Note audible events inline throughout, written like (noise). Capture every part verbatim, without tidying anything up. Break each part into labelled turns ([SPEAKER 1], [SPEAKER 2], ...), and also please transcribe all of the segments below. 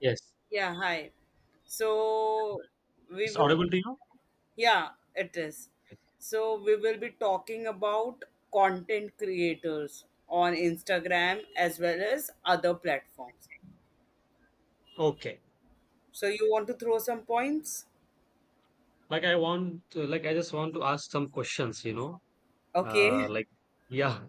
[SPEAKER 1] Yes.
[SPEAKER 2] Yeah, hi. So we
[SPEAKER 1] It's
[SPEAKER 2] will,
[SPEAKER 1] audible to you?
[SPEAKER 2] yeah, it is.
[SPEAKER 1] Yes.
[SPEAKER 2] So we will be talking about content creators on Instagram as well as other platforms.
[SPEAKER 1] Okay.
[SPEAKER 2] So you want to throw some points?
[SPEAKER 1] Like I want to, like I just want to ask some questions, you know. Uh
[SPEAKER 2] Okay. (laughs)
[SPEAKER 1] like yeah,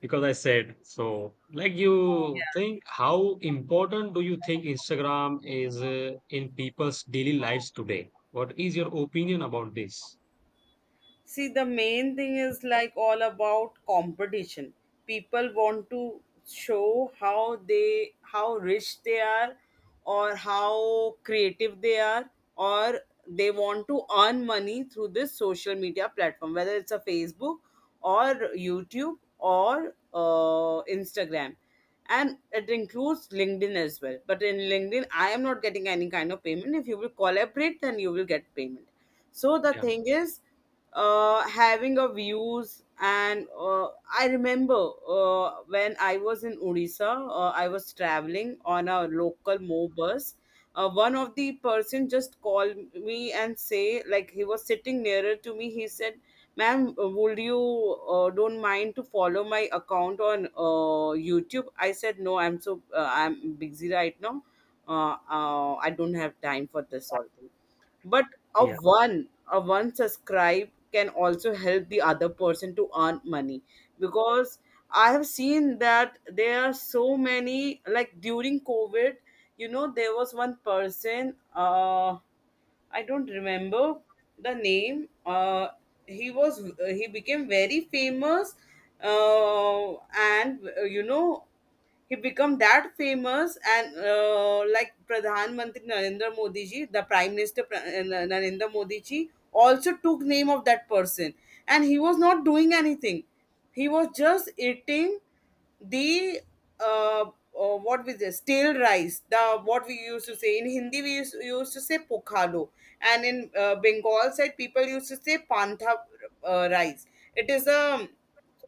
[SPEAKER 1] because I said so. Like you
[SPEAKER 2] Yeah.
[SPEAKER 1] think how important do you think Instagram is uh, in people's daily lives today? What is your opinion about this?
[SPEAKER 2] See, the main thing is like all about competition. People want to show how they how rich they are, or how creative they are, or they want to earn money through this social media platform, whether it's a Facebook, or YouTube, or uh, Instagram. And it includes LinkedIn as well, but in LinkedIn I am not getting any kind of payment. If you will collaborate, then you will get payment. So the
[SPEAKER 1] Yeah.
[SPEAKER 2] thing is uh, having a views and uh, I remember uh, when I was in Odisha, uh, I was traveling on a local mo bus. Uh, one of the person just called me and say, like, he was sitting nearer to me. He said, ma'am, uh, would you uh, don't mind to follow my account on uh, YouTube? I said, no, I'm so uh, I'm busy right now. uh, uh, I don't have time for this all. But a
[SPEAKER 1] Yeah.
[SPEAKER 2] one, a one subscribe can also help the other person to earn money. Because I have seen that there are so many, like, during COVID, you know, there was one person, uh I don't remember the name. Uh, he was uh, he became very famous, uh, and uh, you know, he become that famous, and uh, like Pradhan Mantri Narendra Modi ji, the Prime Minister, Pra- uh, Na- Narendra Modi ji also took name of that person, and he was not doing anything. He was just eating the uh, uh, what was this, stale rice, the what we used to say in Hindi, we used, used to say pokhalo, and in uh, Bengal side people used to say pantha uh, rice. It is a,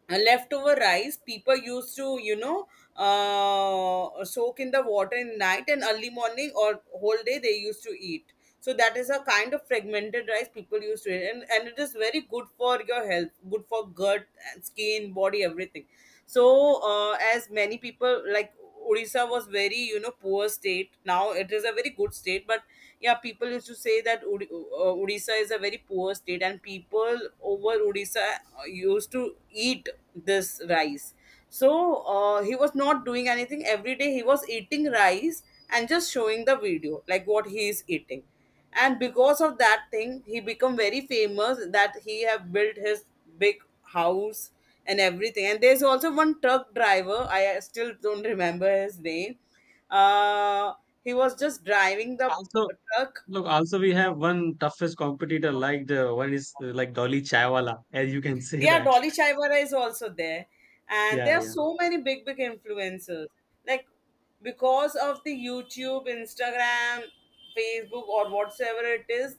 [SPEAKER 2] a leftover rice people used to, you know, uh, soak in the water in night, and early morning or whole day they used to eat. So that is a kind of fragmented rice people used to eat, and, and it is very good for your health, good for gut, skin, body, everything. So uh, as many people, like, Odisha was very, you know, poor state, now it is a very good state, but yeah, people used to say that Udi- uh, Odisha is a very poor state, and people over Odisha uh, used to eat this rice. So uh, he was not doing anything. Every day he was eating rice and just showing the video like what he is eating, and because of that thing he become very famous, that he have built his big house and everything. And there's also one truck driver, I uh, still don't remember his name. uh he was just driving the
[SPEAKER 1] Also,
[SPEAKER 2] truck.
[SPEAKER 1] look, also we have one toughest competitor like the one is uh, like Dolly Chaiwala, as you can say
[SPEAKER 2] Yeah,
[SPEAKER 1] that.
[SPEAKER 2] Dolly
[SPEAKER 1] (laughs)
[SPEAKER 2] Chaivara is also there. And
[SPEAKER 1] Yeah,
[SPEAKER 2] there are
[SPEAKER 1] yeah.
[SPEAKER 2] so many big, big influencers. Like, because of the YouTube, Instagram, Facebook, or whatsoever it is,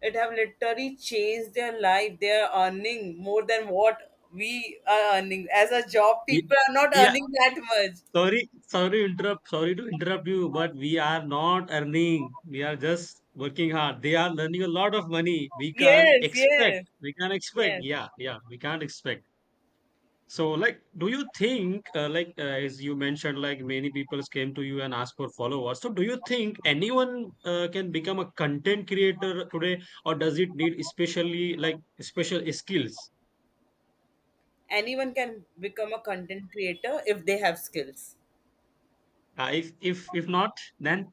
[SPEAKER 2] it have literally changed their life. They are earning more than what we are earning. As a job, people
[SPEAKER 1] we,
[SPEAKER 2] are not
[SPEAKER 1] we
[SPEAKER 2] earning that much.
[SPEAKER 1] Sorry, sorry to interrupt. Sorry to interrupt you, but we are not earning. We are just working hard. They are earning a lot of money. We can't
[SPEAKER 2] Yes,
[SPEAKER 1] expect.
[SPEAKER 2] yes,
[SPEAKER 1] We can't expect.
[SPEAKER 2] yes.
[SPEAKER 1] Yeah, yeah. We can't expect. So, like, do you think, uh, like, uh, as you mentioned, like many people came to you and asked for followers. So, do you think anyone uh, can become a content creator today, or does it need especially like special skills?
[SPEAKER 2] Anyone can become a content creator if they have skills.
[SPEAKER 1] Uh, if if if not, then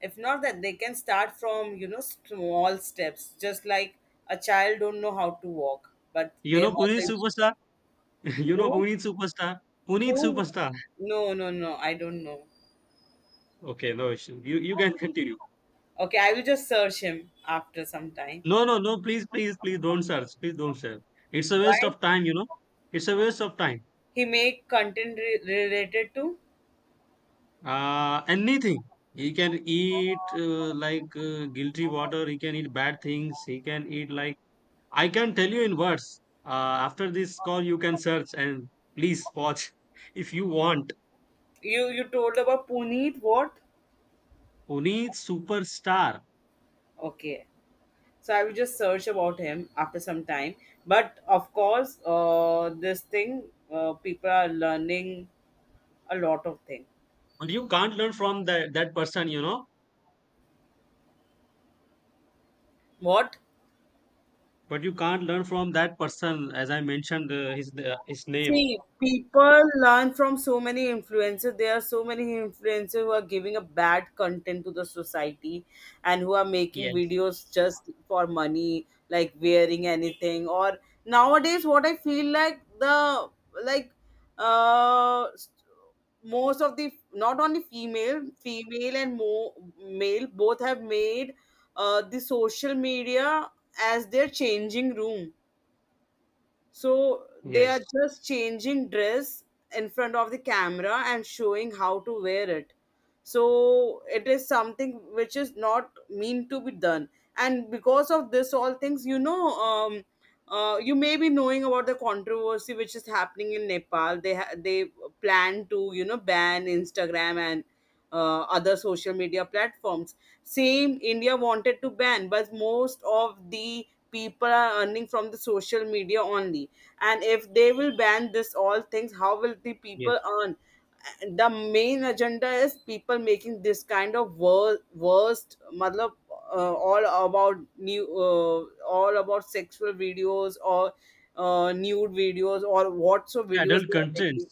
[SPEAKER 2] If not, that they can start from, you know, small steps, just like a child don't know how to walk, but
[SPEAKER 1] you
[SPEAKER 2] their
[SPEAKER 1] know, Pune
[SPEAKER 2] mother used
[SPEAKER 1] superstar. (laughs)
[SPEAKER 2] to.
[SPEAKER 1] You know
[SPEAKER 2] Who?
[SPEAKER 1] Puneet Superstar? Puneet
[SPEAKER 2] Who?
[SPEAKER 1] Superstar.
[SPEAKER 2] No, no, no, I don't know.
[SPEAKER 1] Okay, no issue. You you can continue.
[SPEAKER 2] Okay, I will just search him after some time.
[SPEAKER 1] No, no, no. Please, please, please don't search. Please don't search. It's a waste
[SPEAKER 2] Why?
[SPEAKER 1] of time. You know, it's a waste of time.
[SPEAKER 2] He make content re- related to.
[SPEAKER 1] Uh, anything he can eat uh, like uh, guilty water. He can eat bad things. He can eat like I can tell you in words. Uh, after this call, you can search and please watch (laughs) if you want.
[SPEAKER 2] you you told about Puneet, what?
[SPEAKER 1] Puneet Superstar.
[SPEAKER 2] Okay, so I will just search about him after some time. But of course, uh, this thing, uh, people are learning a lot of things.
[SPEAKER 1] But you can't learn from that that person. You know
[SPEAKER 2] What?
[SPEAKER 1] but you can't learn from that person, as I mentioned uh, his uh, his name.
[SPEAKER 2] See, people learn from so many influencers. There are so many influencers who are giving a bad content to the society, and who are making
[SPEAKER 1] Yes,
[SPEAKER 2] videos just for money, like wearing anything. Or nowadays, what I feel like, the like uh most of the, not only female, female and mo- male, both have made uh the social media as their changing room. So they are
[SPEAKER 1] yes,
[SPEAKER 2] just changing dress in front of the camera and showing how to wear it. So it is something which is not mean to be done. And because of this, all things, you know, um, uh, you may be knowing about the controversy which is happening in Nepal. They ha- they plan to, you know, ban Instagram and uh, other social media platforms. Same India wanted to ban, but most of the people are earning from the social media only, and if they will ban this all things, how will the
[SPEAKER 1] yes,
[SPEAKER 2] people earn? The main agenda is people making this kind of wor- worst matlab, uh, all about new, uh, all about sexual videos, or uh, nude videos, or what so videos
[SPEAKER 1] adult
[SPEAKER 2] they are
[SPEAKER 1] contents.
[SPEAKER 2] making.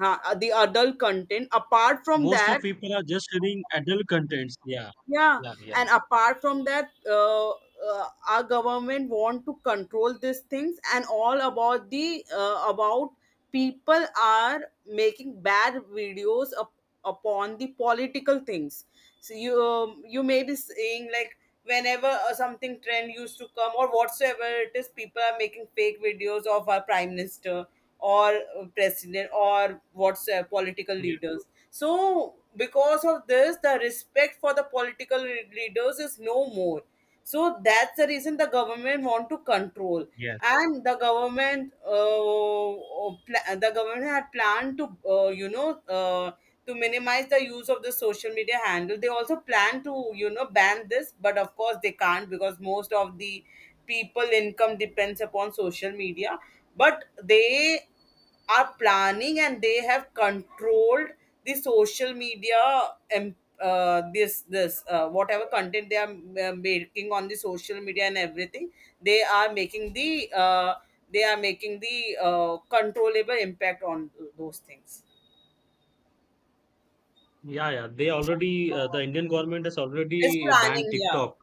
[SPEAKER 2] Huh, the adult content, apart from
[SPEAKER 1] Most
[SPEAKER 2] that,
[SPEAKER 1] of people are just reading adult contents. Yeah,
[SPEAKER 2] yeah.
[SPEAKER 1] yeah, yeah.
[SPEAKER 2] And apart from that, uh, uh, our government want to control these things. And all about the uh, about people are making bad videos up, upon the political things. So you um, you may be saying, like, whenever uh, something trend used to come, or whatsoever it is, people are making fake videos of our prime minister, or uh, president, or whatsoever political
[SPEAKER 1] Yeah,
[SPEAKER 2] leaders. So because of this, the respect for the political leaders is no more. So that's the reason the government want to control.
[SPEAKER 1] yeah,
[SPEAKER 2] And the government uh, uh, pla- the government had planned to, uh, you know, uh, to minimize the use of the social media handle. They also plan to, you know, ban this, but of course they can't, because most of the people income depends upon social media. But they are planning, and they have controlled the social media, uh, this this uh, whatever content they are uh, making on the social media and everything. they are making the uh, they are making the uh, controllable impact on those things.
[SPEAKER 1] yeah, yeah. They already uh, the Indian government has
[SPEAKER 2] It's
[SPEAKER 1] already banned
[SPEAKER 2] planning, yeah.
[SPEAKER 1] TikTok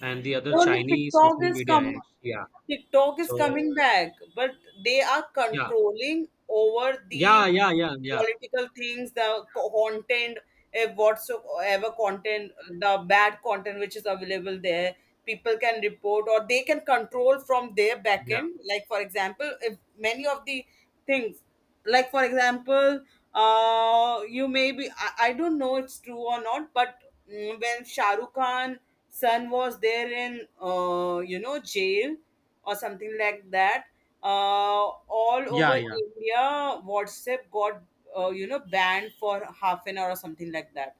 [SPEAKER 1] and the other
[SPEAKER 2] No, no,
[SPEAKER 1] Chinese
[SPEAKER 2] TikTok
[SPEAKER 1] social
[SPEAKER 2] is
[SPEAKER 1] media
[SPEAKER 2] come.
[SPEAKER 1] apps. Yeah.
[SPEAKER 2] TikTok is
[SPEAKER 1] So
[SPEAKER 2] coming back, but they are
[SPEAKER 1] yeah,
[SPEAKER 2] controlling over the
[SPEAKER 1] yeah, yeah, yeah, yeah,
[SPEAKER 2] political things, the co- content, eh, whatsoever content, the bad content which is available there. People can report, or they can control from their
[SPEAKER 1] yeah,
[SPEAKER 2] backend. Like for example, if many of the things, like for example, uh, you may be, I, I don't know it's true or not, but mm, when Shahrukh Khan son was there in, uh, you know, jail or something like that. uh, all
[SPEAKER 1] yeah,
[SPEAKER 2] over
[SPEAKER 1] yeah.
[SPEAKER 2] India WhatsApp got uh, you know banned for half an hour or something like that.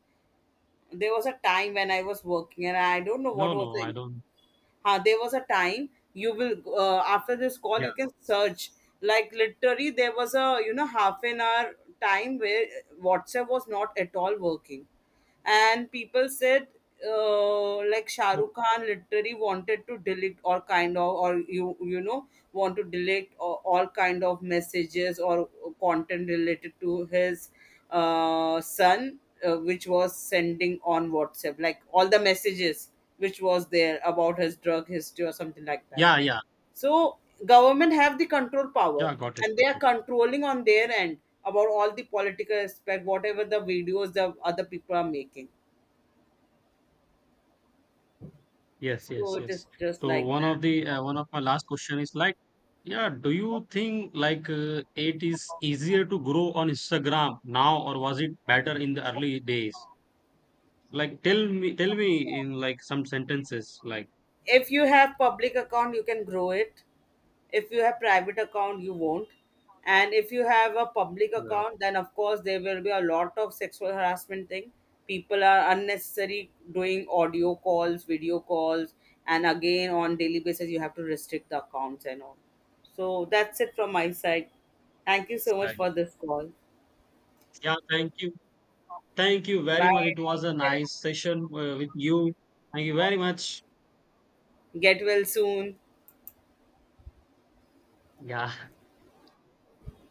[SPEAKER 2] There was a time when I was working and I don't know what
[SPEAKER 1] No,
[SPEAKER 2] was
[SPEAKER 1] no, I
[SPEAKER 2] it.
[SPEAKER 1] don't.
[SPEAKER 2] Uh, there was a time, you will, uh, after this call
[SPEAKER 1] Yeah,
[SPEAKER 2] you can search, like literally there was a, you know, half an hour time where WhatsApp was not at all working. And people said uh, like Shah
[SPEAKER 1] oh,
[SPEAKER 2] Rukh Khan literally wanted to delete all kind of, or you you know, want to delete all, all kind of messages or content related to his uh, son, uh, which was sending on WhatsApp, like all the messages which was there about his drug history or something like that.
[SPEAKER 1] yeah, yeah,
[SPEAKER 2] So government have the control power,
[SPEAKER 1] yeah. Got it.
[SPEAKER 2] and they
[SPEAKER 1] Got
[SPEAKER 2] are
[SPEAKER 1] it.
[SPEAKER 2] controlling on their end about all the political aspect, whatever the videos the other people are making.
[SPEAKER 1] Yes,
[SPEAKER 2] So
[SPEAKER 1] yes,
[SPEAKER 2] it is
[SPEAKER 1] yes.
[SPEAKER 2] just
[SPEAKER 1] So
[SPEAKER 2] like
[SPEAKER 1] one
[SPEAKER 2] that.
[SPEAKER 1] of the uh, one of my last question is like, yeah, do you think like uh, it is easier to grow on Instagram now, or was it better in the early days? Like, tell me, tell me in like some sentences, like
[SPEAKER 2] If you have public account, you can grow it. If you have private account, you won't. And if you have a public
[SPEAKER 1] yeah,
[SPEAKER 2] account, then of course there will be a lot of sexual harassment thing. People are unnecessary doing audio calls, video calls, and again on daily basis you have to restrict the accounts and all. So that's it from my side. Thank you so much
[SPEAKER 1] right.
[SPEAKER 2] for this call.
[SPEAKER 1] Yeah. Thank you, thank you very
[SPEAKER 2] Bye.
[SPEAKER 1] much. It
[SPEAKER 2] Take
[SPEAKER 1] was a
[SPEAKER 2] care.
[SPEAKER 1] nice session uh, with you. Thank you very much.
[SPEAKER 2] Get well soon.
[SPEAKER 1] Yeah.